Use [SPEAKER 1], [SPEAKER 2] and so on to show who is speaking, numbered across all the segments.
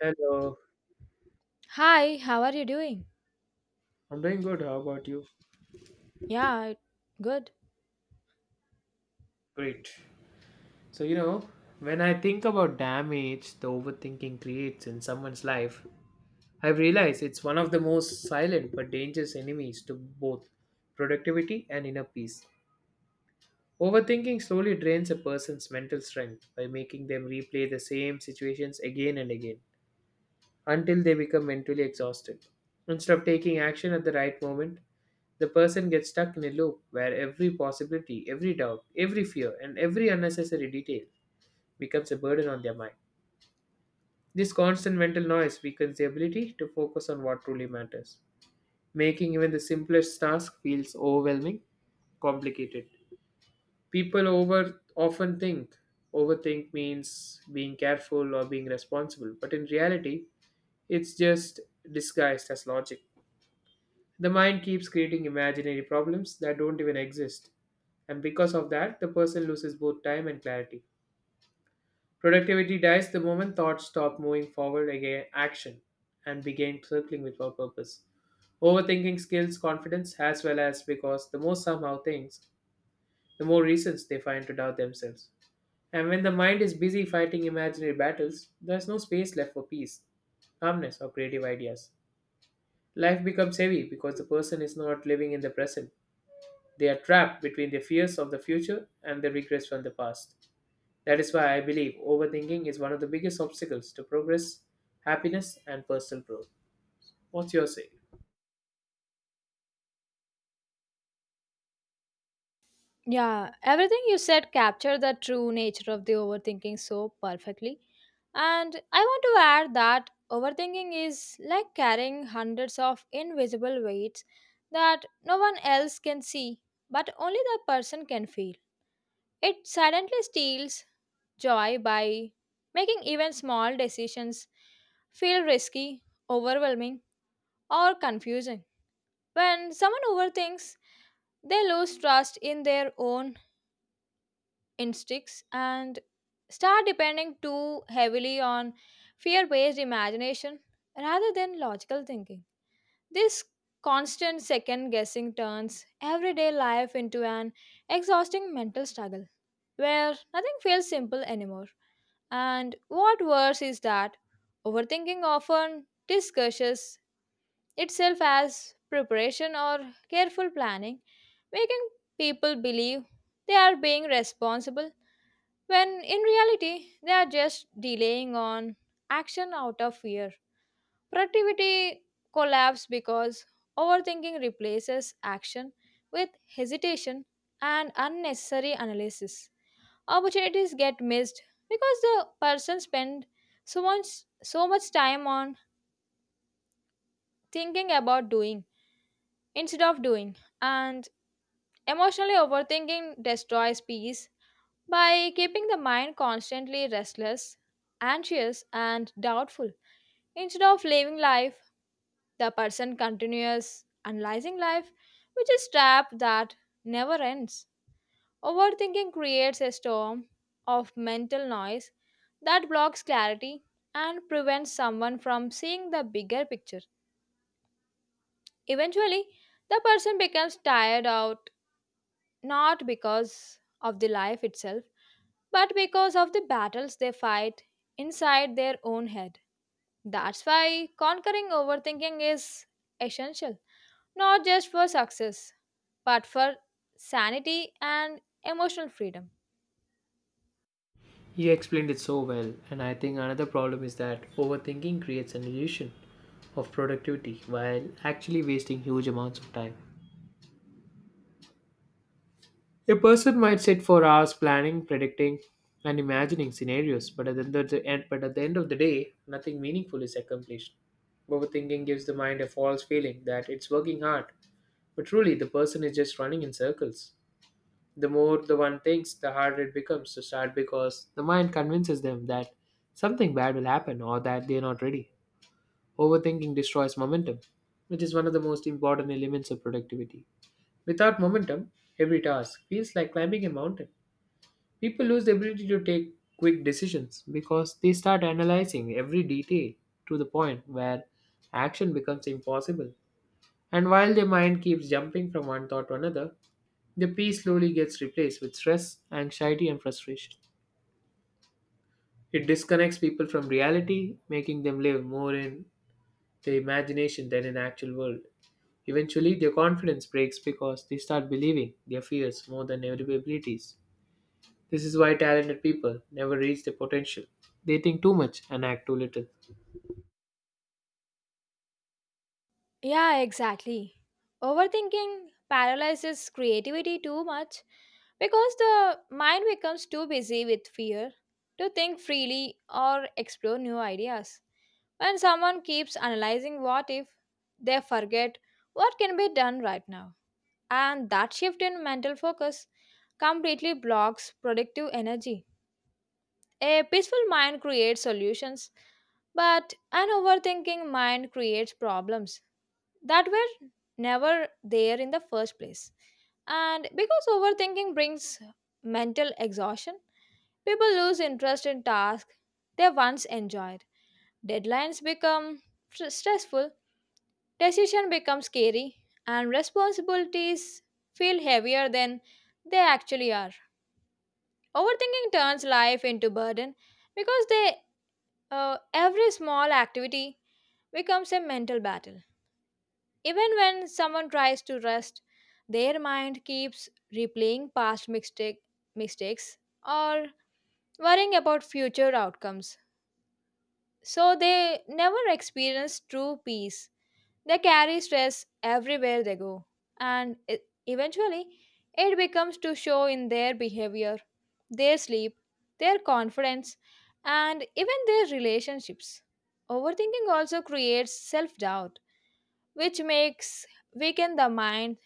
[SPEAKER 1] Hello,
[SPEAKER 2] Hi, how are you doing?
[SPEAKER 1] I'm doing good. How about you?
[SPEAKER 2] Yeah, good.
[SPEAKER 1] Great. So, you know, when I think about damage the overthinking creates in someone's life, I've realized it's one of the most silent but dangerous enemies to both productivity and inner peace. Overthinking slowly drains a person's mental strength by making them replay the same situations again and again until they become mentally exhausted. Instead of taking action at the right moment, the person gets stuck in a loop where every possibility, every doubt, every fear, and every unnecessary detail becomes a burden on their mind. This constant mental noise weakens the ability to focus on what truly matters, making even the simplest task feels overwhelming, complicated. People over often think overthink means being careful or being responsible, but in reality, it's just disguised as logic. The mind keeps creating imaginary problems that don't even exist, and because of that, the person loses both time and clarity. Productivity dies the moment thoughts stop moving forward again action and begin circling without purpose. Overthinking skills confidence as well as because the more somehow things, the more reasons they find to doubt themselves. And when the mind is busy fighting imaginary battles, there's no space left for peace, calmness, or creative ideas. Life becomes heavy because the person is not living in the present. They are trapped between their fears of the future and their regrets from the past. That is why I believe overthinking is one of the biggest obstacles to progress, happiness, and personal growth. What's your say?
[SPEAKER 2] Yeah, everything you said captured the true nature of the overthinking so perfectly. And I want to add that overthinking is like carrying hundreds of invisible weights that no one else can see, but only the person can feel. It silently steals joy by making even small decisions feel risky, overwhelming, or confusing. When someone overthinks, they lose trust in their own instincts and start depending too heavily on fear based imagination rather than logical thinking. This constant second guessing turns everyday life into an exhausting mental struggle where nothing feels simple anymore. And what worse is that overthinking often discourages itself as preparation or careful planning, making people believe they are being responsible when in reality they are just delaying on action out of fear. Productivity collapses because overthinking replaces action with hesitation and unnecessary analysis. Opportunities get missed because the person spend so much time on thinking about doing instead of doing. And emotionally overthinking destroys peace by keeping the mind constantly restless, anxious, and doubtful. Instead of living life, the person continues analyzing life, which is trap that never ends. Overthinking creates a storm of mental noise that blocks clarity and prevents someone from seeing the bigger picture. Eventually, the person becomes tired out not because of the life itself but because of the battles they fight inside their own head. That's why conquering overthinking is essential, not just for success, but for sanity and emotional freedom.
[SPEAKER 1] You explained it so well, and I think another problem is that overthinking creates an illusion of productivity while actually wasting huge amounts of time. A person might sit for hours planning, predicting, and imagining scenarios, but at the end of the day, nothing meaningful is accomplished. Overthinking gives the mind a false feeling that it's working hard, but truly the person is just running in circles. The more the one thinks, the harder it becomes to start because the mind convinces them that something bad will happen or that they're not ready. Overthinking destroys momentum, which is one of the most important elements of productivity. Without momentum, every task feels like climbing a mountain. People lose the ability to take quick decisions because they start analyzing every detail to the point where action becomes impossible. And while their mind keeps jumping from one thought to another, the peace slowly gets replaced with stress, anxiety, and frustration. It disconnects people from reality, making them live more in their imagination than in actual world. Eventually, their confidence breaks because they start believing their fears more than their abilities. This is why talented people never reach their potential. They think too much and act too little.
[SPEAKER 2] Yeah, exactly. Overthinking paralyzes creativity too much because the mind becomes too busy with fear to think freely or explore new ideas. When someone keeps analyzing what if, they forget what can be done right now. And that shift in mental focus completely blocks productive energy. A peaceful mind creates solutions, but an overthinking mind creates problems that were never there in the first place. And because overthinking brings mental exhaustion, people lose interest in tasks they once enjoyed. Deadlines become stressful, decision becomes scary, and responsibilities feel heavier than they actually are. Overthinking turns life into burden because they every small activity becomes a mental battle. Even when someone tries to rest, their mind keeps replaying mistakes or worrying about future outcomes. So they never experience true peace. They carry stress everywhere they go, and eventually it becomes to show in their behavior, their sleep, their confidence, and even their relationships. Overthinking also creates self doubt, which makes weaken the mind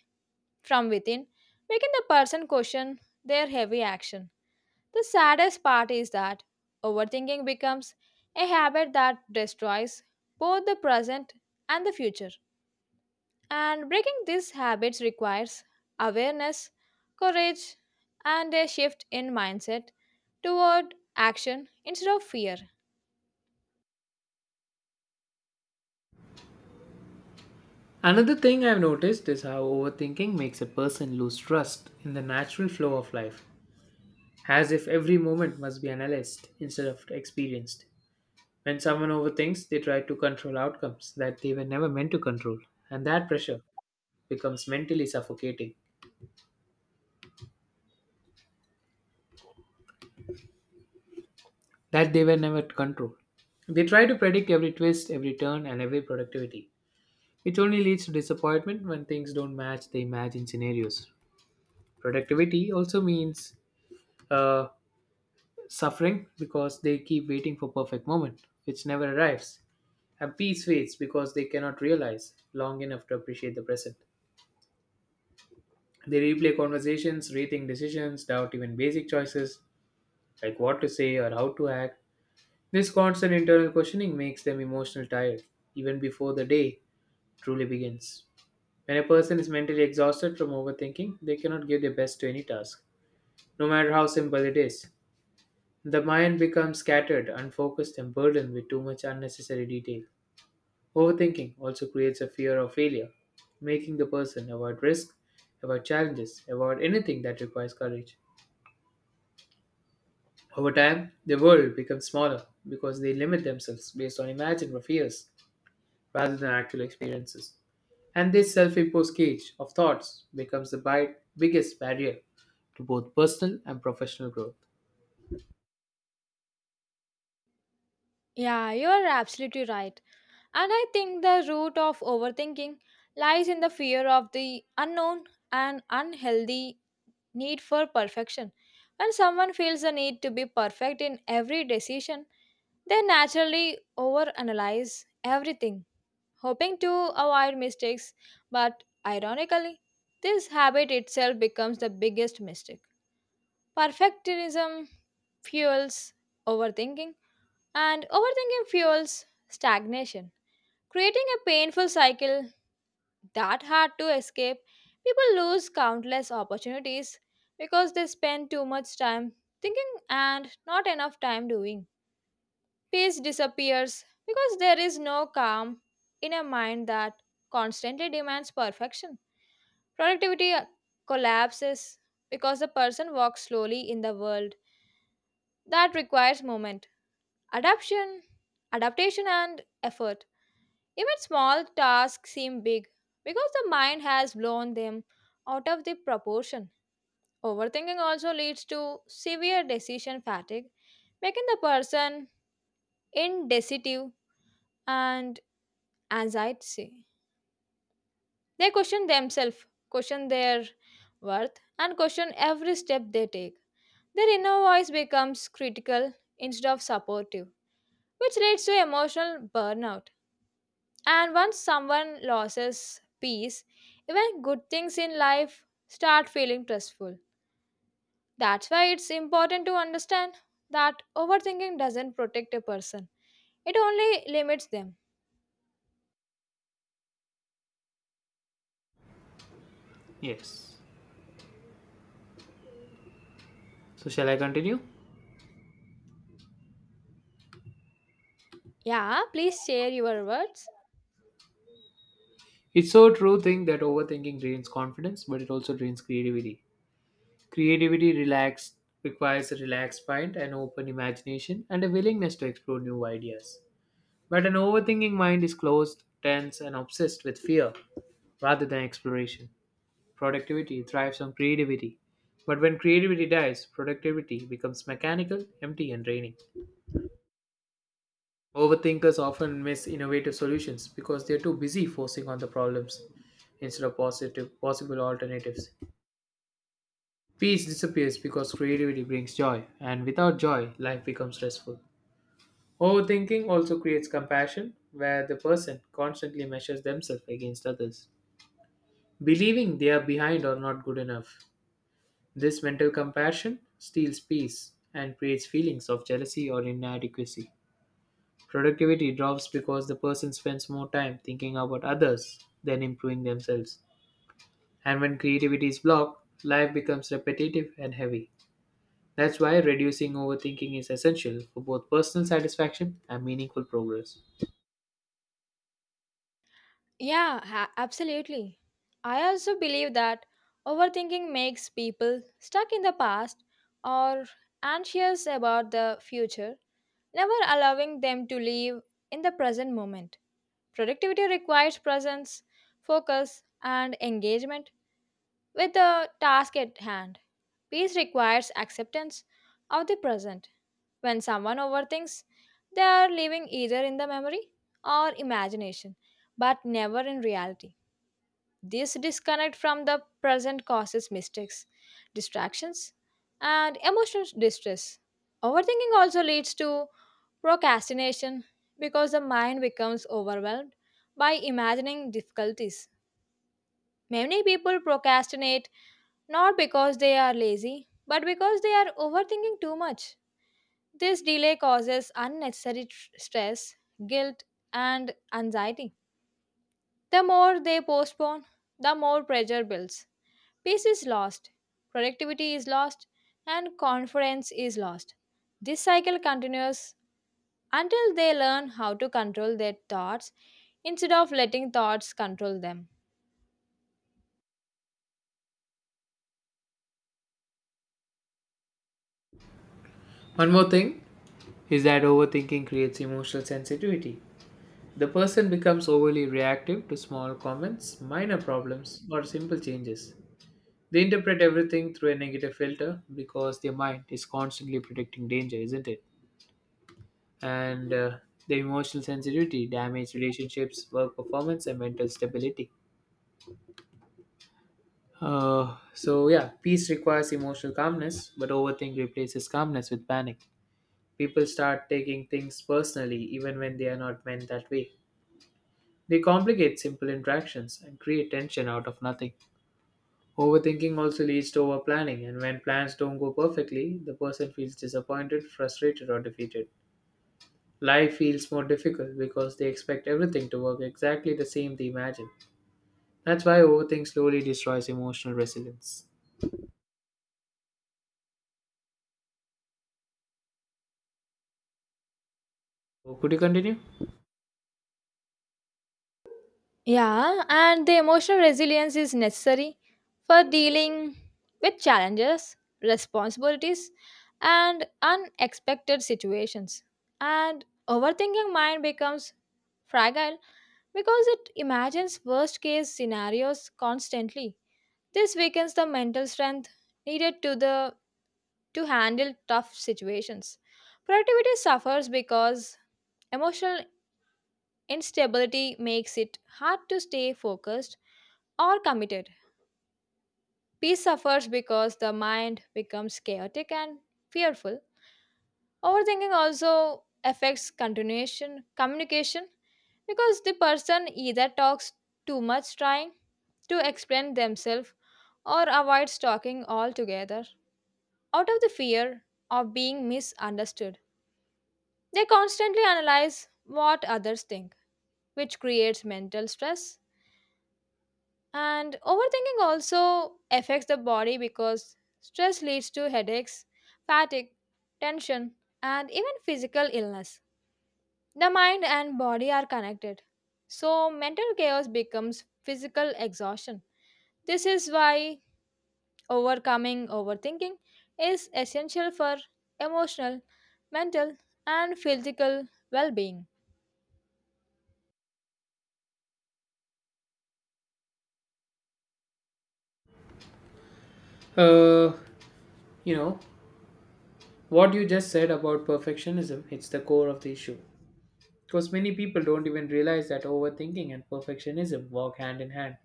[SPEAKER 2] from within, making the person question their heavy action. The saddest part is that overthinking becomes a habit that destroys both the present and the future. And breaking these habits requires awareness, courage, and a shift in mindset toward action instead of fear.
[SPEAKER 1] Another thing I've noticed is how overthinking makes a person lose trust in the natural flow of life, as if every moment must be analyzed instead of experienced. When someone overthinks, they try to control outcomes that they were never meant to control, and that pressure becomes mentally suffocating, that they were never to control. They try to predict every twist, every turn, and every productivity. It only leads to disappointment when things don't match the imagined scenarios. Productivity also means uh, suffering because they keep waiting for perfect moment, which never arrives. And peace fades because they cannot realize long enough to appreciate the present. They replay conversations, rethink decisions, doubt even basic choices like what to say or how to act. This constant internal questioning makes them emotional tired even before the day truly begins. When a person is mentally exhausted from overthinking, they cannot give their best to any task, no matter how simple it is. The mind becomes scattered, unfocused, and burdened with too much unnecessary detail. Overthinking also creates a fear of failure, making the person avoid risk, avoid challenges, avoid anything that requires courage. Over time, the world becomes smaller because they limit themselves based on imagined fears rather than actual experiences. And this self imposed cage of thoughts becomes the biggest barrier to both personal and professional growth.
[SPEAKER 2] Yeah, you are absolutely right. And I think the root of overthinking lies in the fear of the unknown and unhealthy need for perfection. When someone feels the need to be perfect in every decision, they naturally overanalyze everything, hoping to avoid mistakes. But ironically, this habit itself becomes the biggest mistake. Perfectionism fuels overthinking, and overthinking fuels stagnation, creating a painful cycle that hard to escape, people lose countless opportunities because they spend too much time thinking and not enough time doing. Peace disappears because there is no calm in a mind that constantly demands perfection. Productivity collapses because the person walks slowly in the world that requires movement, adaptation, adaptation and effort. Even small tasks seem big because the mind has blown them out of the proportion. Overthinking also leads to severe decision fatigue, making the person indecisive and anxiety. They question themselves, question their worth, and question every step they take. Their inner voice becomes critical instead of supportive, which leads to emotional burnout. And once someone loses peace, even good things in life start feeling stressful. That's why it's important to understand that overthinking doesn't protect a person, it only limits them.
[SPEAKER 1] Yes. So, shall I continue?
[SPEAKER 2] Yeah, please share your words.
[SPEAKER 1] It's so true thing that overthinking drains confidence, but it also drains creativity. Creativity relaxed Requires a relaxed mind, an open imagination, and a willingness to explore new ideas. But an overthinking mind is closed, tense, and obsessed with fear rather than exploration. Productivity thrives on creativity. But when creativity dies, productivity becomes mechanical, empty, and draining. Overthinkers often miss innovative solutions because they're too busy forcing on the problems instead of positive possible alternatives. Peace disappears because creativity brings joy, and without joy, life becomes stressful. Overthinking also creates compassion, where the person constantly measures themselves against others, believing they are behind or not good enough. This mental compassion steals peace and creates feelings of jealousy or inadequacy. Productivity drops because the person spends more time thinking about others than improving themselves. And when creativity is blocked, life becomes repetitive and heavy. That's why reducing overthinking is essential for both personal satisfaction and meaningful progress.
[SPEAKER 2] Yeah, absolutely. I also believe that overthinking makes people stuck in the past or anxious about the future, never allowing them to live in the present moment. Productivity requires presence, focus, and engagement with the task at hand. Peace requires acceptance of the present. When someone overthinks, they are living either in the memory or imagination, but never in reality. This disconnect from the present causes mistakes, distractions, and emotional distress. Overthinking also leads to procrastination because the mind becomes overwhelmed by imagining difficulties. Many people procrastinate not because they are lazy, but because they are overthinking too much. This delay causes unnecessary stress, guilt, and anxiety. The more they postpone, the more pressure builds. Peace is lost, productivity is lost, and confidence is lost. This cycle continues until they learn how to control their thoughts instead of letting thoughts control them.
[SPEAKER 1] One more thing is that overthinking creates emotional sensitivity. The person becomes overly reactive to small comments, minor problems, or simple changes. They interpret everything through a negative filter because their mind is constantly predicting danger, isn't it? And Their emotional sensitivity damages relationships, work performance, and mental stability. So yeah, peace requires emotional calmness, but overthink replaces calmness with panic. People start taking things personally even when they are not meant that way. They complicate simple interactions and create tension out of nothing. Overthinking also leads to overplanning, and when plans don't go perfectly, the person feels disappointed, frustrated, or defeated. Life feels more difficult because they expect everything to work exactly the same they imagine. That's why overthink slowly destroys emotional resilience. Oh, could you continue?
[SPEAKER 2] Yeah, and the emotional resilience is necessary for dealing with challenges, responsibilities, and unexpected situations. And overthinking mind becomes fragile because it imagines worst case scenarios constantly. This weakens the mental strength needed to handle tough situations. Productivity suffers because emotional instability makes it hard to stay focused or committed. Peace suffers because the mind becomes chaotic and fearful. Overthinking also affects continuation communication because the person either talks too much trying to explain themselves or avoids talking altogether out of the fear of being misunderstood. They constantly analyze what others think, which creates mental stress. And overthinking also affects the body because stress leads to headaches, fatigue, tension, and even physical illness. The mind and body are connected, so mental chaos becomes physical exhaustion. This is why overcoming overthinking is essential for emotional, mental, and physical well being.
[SPEAKER 1] Uh, you know, what you just said about perfectionism, it's the core of the issue. Because many people don't even realize that overthinking and perfectionism work hand in hand.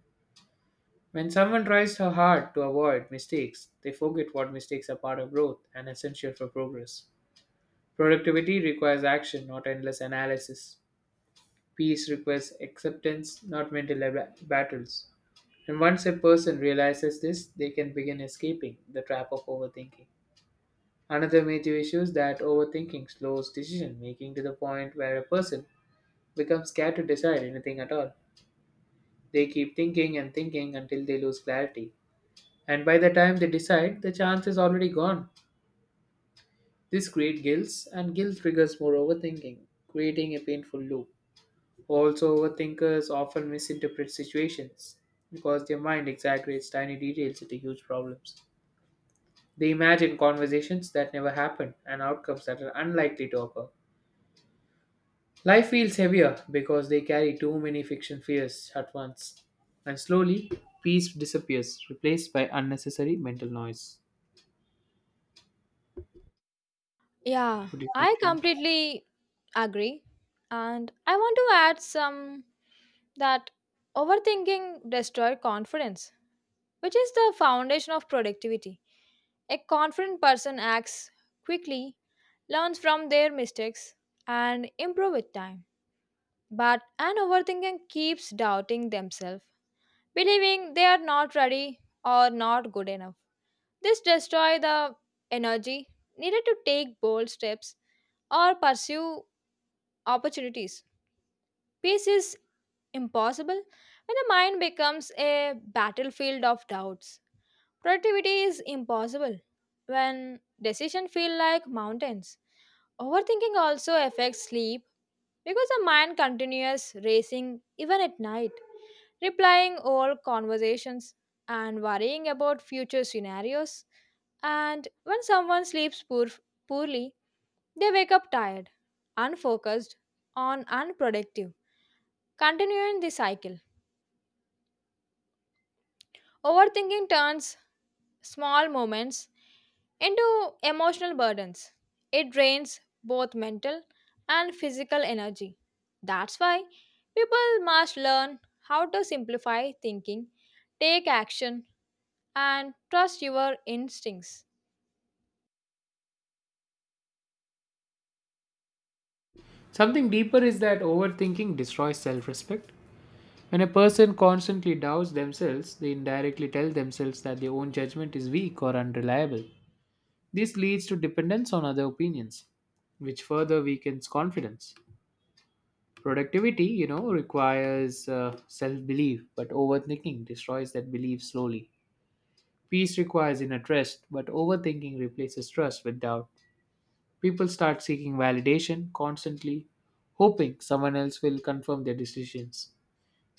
[SPEAKER 1] When someone tries so hard to avoid mistakes, they forget what mistakes are part of growth and essential for progress. Productivity requires action, not endless analysis. Peace requires acceptance, not mental battles. And once a person realizes this, they can begin escaping the trap of overthinking. Another major issue is that overthinking slows decision making to the point where a person becomes scared to decide anything at all. They keep thinking and thinking until they lose clarity. And by the time they decide, the chance is already gone. This creates guilt, and guilt triggers more overthinking, creating a painful loop. Also, overthinkers often misinterpret situations because their mind exaggerates tiny details into huge problems. They imagine conversations that never happen and outcomes that are unlikely to occur. Life feels heavier because they carry too many fiction fears at once. And slowly, peace disappears, replaced by unnecessary mental noise.
[SPEAKER 2] Yeah,
[SPEAKER 1] Would you
[SPEAKER 2] I
[SPEAKER 1] continue?
[SPEAKER 2] completely agree. And I want to add some that overthinking destroys confidence, which is the foundation of productivity. A confident person acts quickly, learns from their mistakes, and improve with time. But an overthinker keeps doubting themselves believing they are not ready or not good enough. This destroys the energy needed to take bold steps or pursue opportunities. Peace is impossible when the mind becomes a battlefield of doubts. Productivity is impossible when decisions feel like mountains. Overthinking also affects sleep because the mind continues racing even at night, replying all conversations and worrying about future scenarios. And when someone sleeps poorly, they wake up tired, unfocused, and unproductive, continuing the cycle. Overthinking turns small moments into emotional burdens. It drains both mental and physical energy. That's why people must learn how to simplify thinking, take action, and trust your instincts.
[SPEAKER 1] Something deeper is that overthinking destroys self respect. When a person constantly doubts themselves, they indirectly tell themselves that their own judgment is weak or unreliable. This leads to dependence on other opinions, which further weakens confidence. Productivity requires self belief, but overthinking destroys that belief slowly. Peace requires inner trust, but overthinking replaces trust with doubt. People start seeking validation constantly, hoping someone else will confirm their decisions.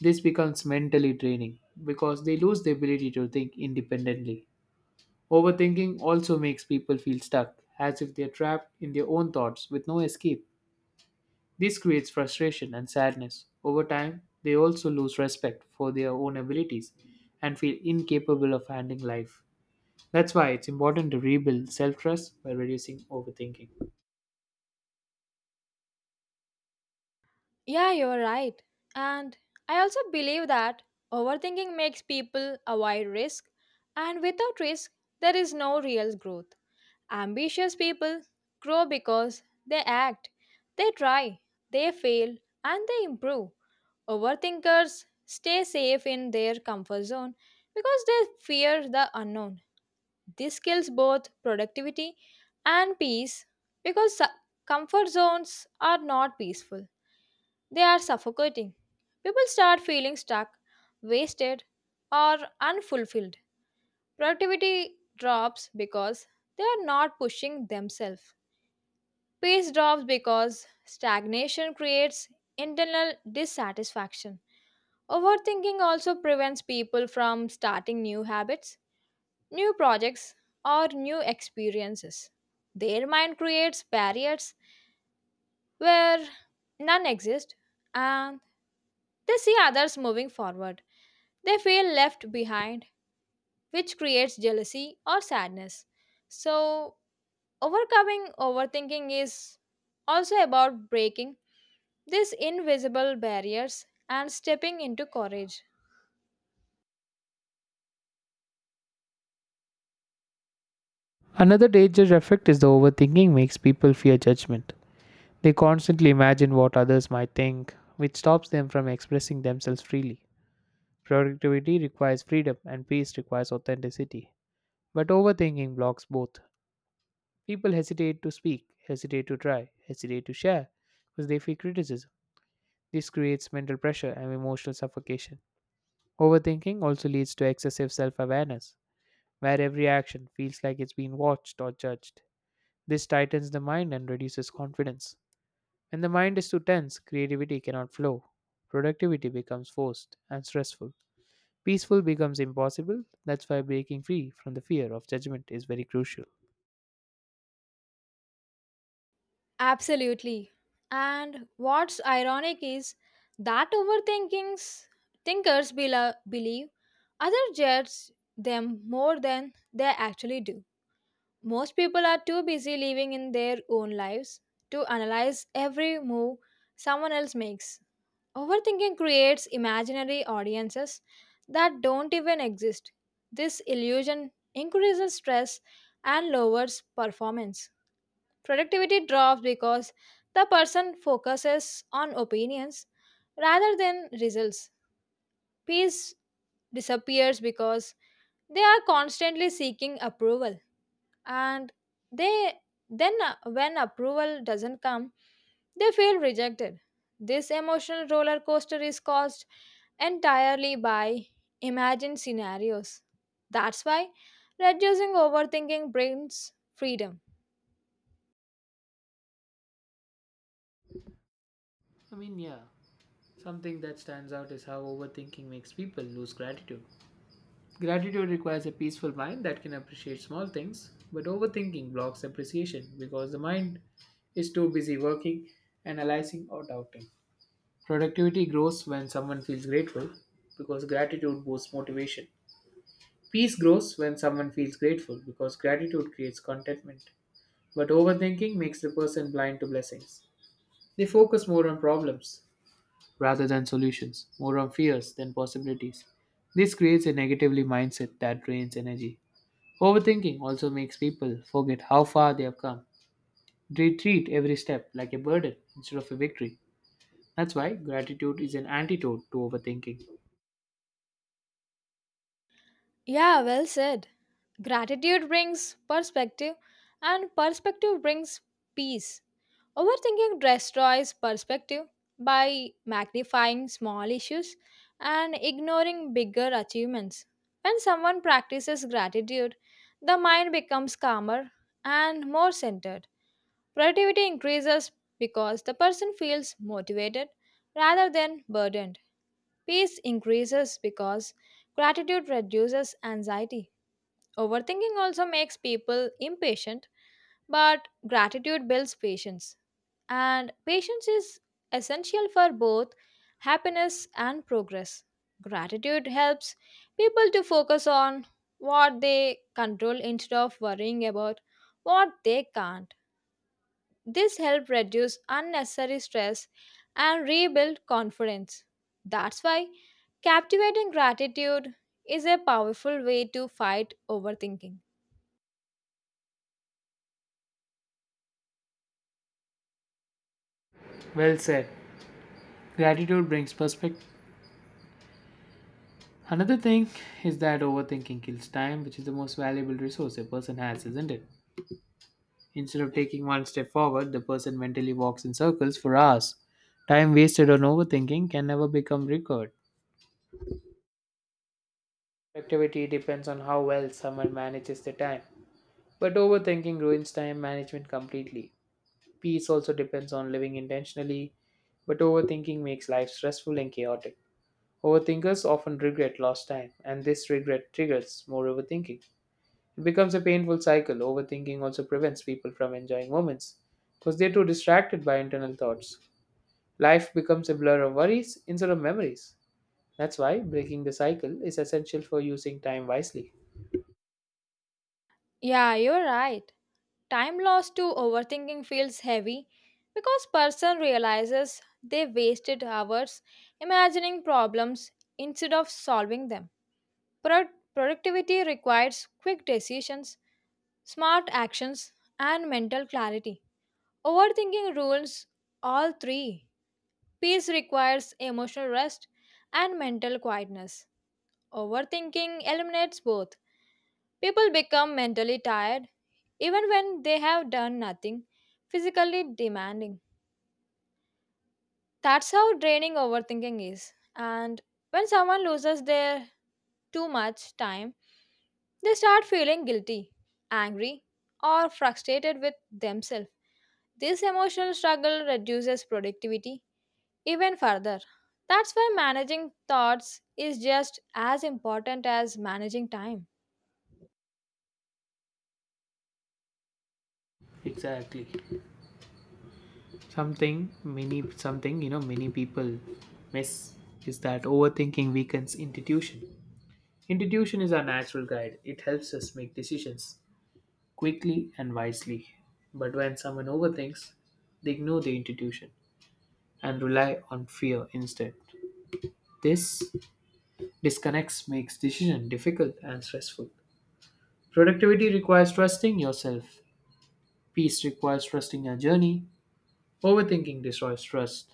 [SPEAKER 1] This becomes mentally draining because they lose the ability to think independently. Overthinking also makes people feel stuck, as if they're trapped in their own thoughts with no escape. This creates frustration and sadness. Over time, they also lose respect for their own abilities and feel incapable of handling life. That's why it's important to rebuild self trust by reducing overthinking.
[SPEAKER 2] Yeah, you're right. And I also believe that overthinking makes people avoid risk, and without risk, there is no real growth. Ambitious people grow because they act, they try, they fail, and they improve. Overthinkers stay safe in their comfort zone because they fear the unknown. This kills both productivity and peace because comfort zones are not peaceful, they are suffocating. People start feeling stuck, wasted, or unfulfilled. Productivity drops because they are not pushing themselves. Peace drops because stagnation creates internal dissatisfaction. Overthinking also prevents people from starting new habits, new projects, or new experiences. Their mind creates barriers where none exist and they see others moving forward. They feel left behind, which creates jealousy or sadness. So, overcoming overthinking is also about breaking these invisible barriers and stepping into courage.
[SPEAKER 1] Another dangerous effect is the overthinking makes people fear judgment. They constantly imagine what others might think, which stops them from expressing themselves freely. Productivity requires freedom, and peace requires authenticity. But overthinking blocks both. People hesitate to speak, hesitate to try, hesitate to share because they fear criticism. This creates mental pressure and emotional suffocation. Overthinking also leads to excessive self awareness, where every action feels like it's being watched or judged. This tightens the mind and reduces confidence. When the mind is too tense, creativity cannot flow. Productivity becomes forced and stressful. Peaceful becomes impossible. That's why breaking free from the fear of judgment is very crucial.
[SPEAKER 2] Absolutely. And what's ironic is that overthinkings thinkers bela believe other judge them more than they actually do. Most people are too busy living in their own lives to analyze every move someone else makes. Overthinking creates imaginary audiences that don't even exist. This illusion increases stress and lowers performance. Productivity drops because the person focuses on opinions rather than results. Peace disappears because they are constantly seeking approval, and they then when approval doesn't come they feel rejected. This emotional roller coaster is caused entirely by imagined scenarios. That's why reducing overthinking brings freedom.
[SPEAKER 1] I mean, yeah, something that stands out is how overthinking makes people lose gratitude. Gratitude requires a peaceful mind that can appreciate small things, but overthinking blocks appreciation because the mind is too busy working, analyzing, or doubting. Productivity grows when someone feels grateful because gratitude boosts motivation. Peace grows when someone feels grateful because gratitude creates contentment. But overthinking makes the person blind to blessings. They focus more on problems rather than solutions, more on fears than possibilities. This creates a negatively mindset that drains energy. Overthinking also makes people forget how far they have come. They treat every step like a burden instead of a victory. That's why gratitude is an antidote to overthinking.
[SPEAKER 2] Yeah, well said. Gratitude brings perspective, and perspective brings peace. Overthinking destroys perspective by magnifying small issues and ignoring bigger achievements. When someone practices gratitude, the mind becomes calmer and more centered. Productivity increases because the person feels motivated rather than burdened. Peace increases because gratitude reduces anxiety. Overthinking also makes people impatient, but gratitude builds patience. And patience is essential for both happiness and progress. Gratitude helps people to focus on what they control instead of worrying about what they can't. This helps reduce unnecessary stress and rebuild confidence. That's why captivating gratitude is a powerful way to fight overthinking.
[SPEAKER 1] Well said. Gratitude brings perspective. Another thing is that overthinking kills time, which is the most valuable resource a person has, isn't it? Instead of taking one step forward, the person mentally walks in circles for hours. Time wasted on overthinking can never become recovered. Productivity depends on how well someone manages their time. But overthinking ruins time management completely. Peace also depends on living intentionally, but overthinking makes life stressful and chaotic. Overthinkers often regret lost time, and this regret triggers more overthinking. It becomes a painful cycle. Overthinking also prevents people from enjoying moments because they're too distracted by internal thoughts. Life becomes a blur of worries instead of memories. That's why breaking the cycle is essential for using time wisely.
[SPEAKER 2] Yeah, you're right. Time lost to overthinking feels heavy because person realizes they wasted hours imagining problems instead of solving them. Productivity requires quick decisions, smart actions, and mental clarity. Overthinking rules all three. Peace requires emotional rest and mental quietness. Overthinking eliminates both. People become mentally tired even when they have done nothing physically demanding. That's how draining overthinking is. And when someone loses their too much time, they start feeling guilty, angry, or frustrated with themselves. This emotional struggle reduces productivity even further. That's why managing thoughts is just as important as managing time.
[SPEAKER 1] Exactly. Something many people miss is that overthinking weakens intuition. Intuition is our natural guide. It helps us make decisions quickly and wisely. But when someone overthinks, they ignore the intuition and rely on fear instead. This disconnects makes decision difficult and stressful. Productivity requires trusting yourself. Peace requires trusting your journey. Overthinking destroys trust.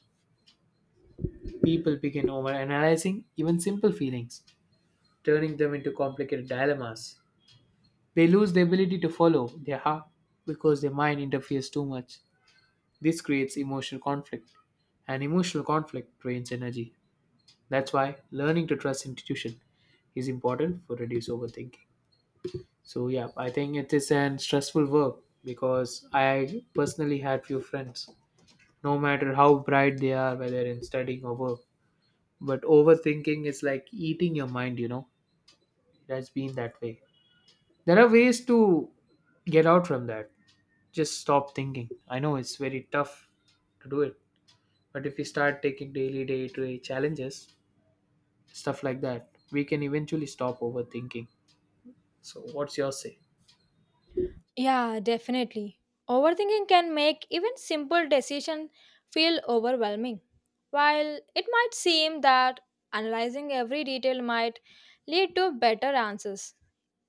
[SPEAKER 1] People begin overanalyzing even simple feelings, turning them into complicated dilemmas. They lose the ability to follow their heart because their mind interferes too much. This creates emotional conflict, and emotional conflict drains energy. That's why learning to trust institution is important for reduce overthinking. So yeah, I think it is an stressful work because I personally had few friends. No matter how bright they are, whether in studying or work, but overthinking is like eating your mind. You know, it has been that way. There are ways to get out from that. Just stop thinking. I know it's very tough to do it, but if we start taking daily, day-to-day challenges, stuff like that, we can eventually stop overthinking. So, what's your say?
[SPEAKER 2] Yeah, definitely. Overthinking can make even simple decisions feel overwhelming. While it might seem that analyzing every detail might lead to better answers,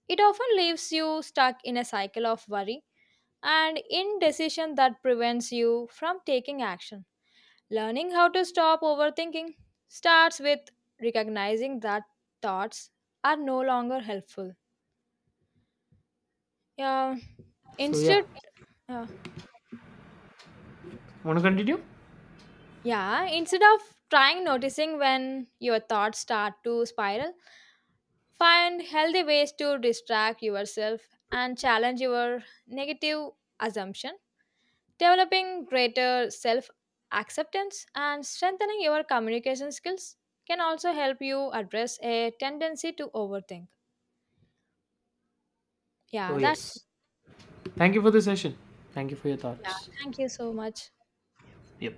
[SPEAKER 2] it often leaves you stuck in a cycle of worry and indecision that prevents you from taking action. Learning how to stop overthinking starts with recognizing that thoughts are no longer helpful. Yeah,
[SPEAKER 1] So, yeah,
[SPEAKER 2] instead, yeah.
[SPEAKER 1] want to continue?
[SPEAKER 2] Yeah, instead of trying noticing when your thoughts start to spiral, find healthy ways to distract yourself and challenge your negative assumption, developing greater self acceptance and strengthening your communication skills can also help you address a tendency to overthink.
[SPEAKER 1] So,
[SPEAKER 2] Yeah, that's
[SPEAKER 1] yes, thank you for the session. Thank you for your
[SPEAKER 2] yeah,
[SPEAKER 1] thoughts.
[SPEAKER 2] thank you so much.
[SPEAKER 1] Yep.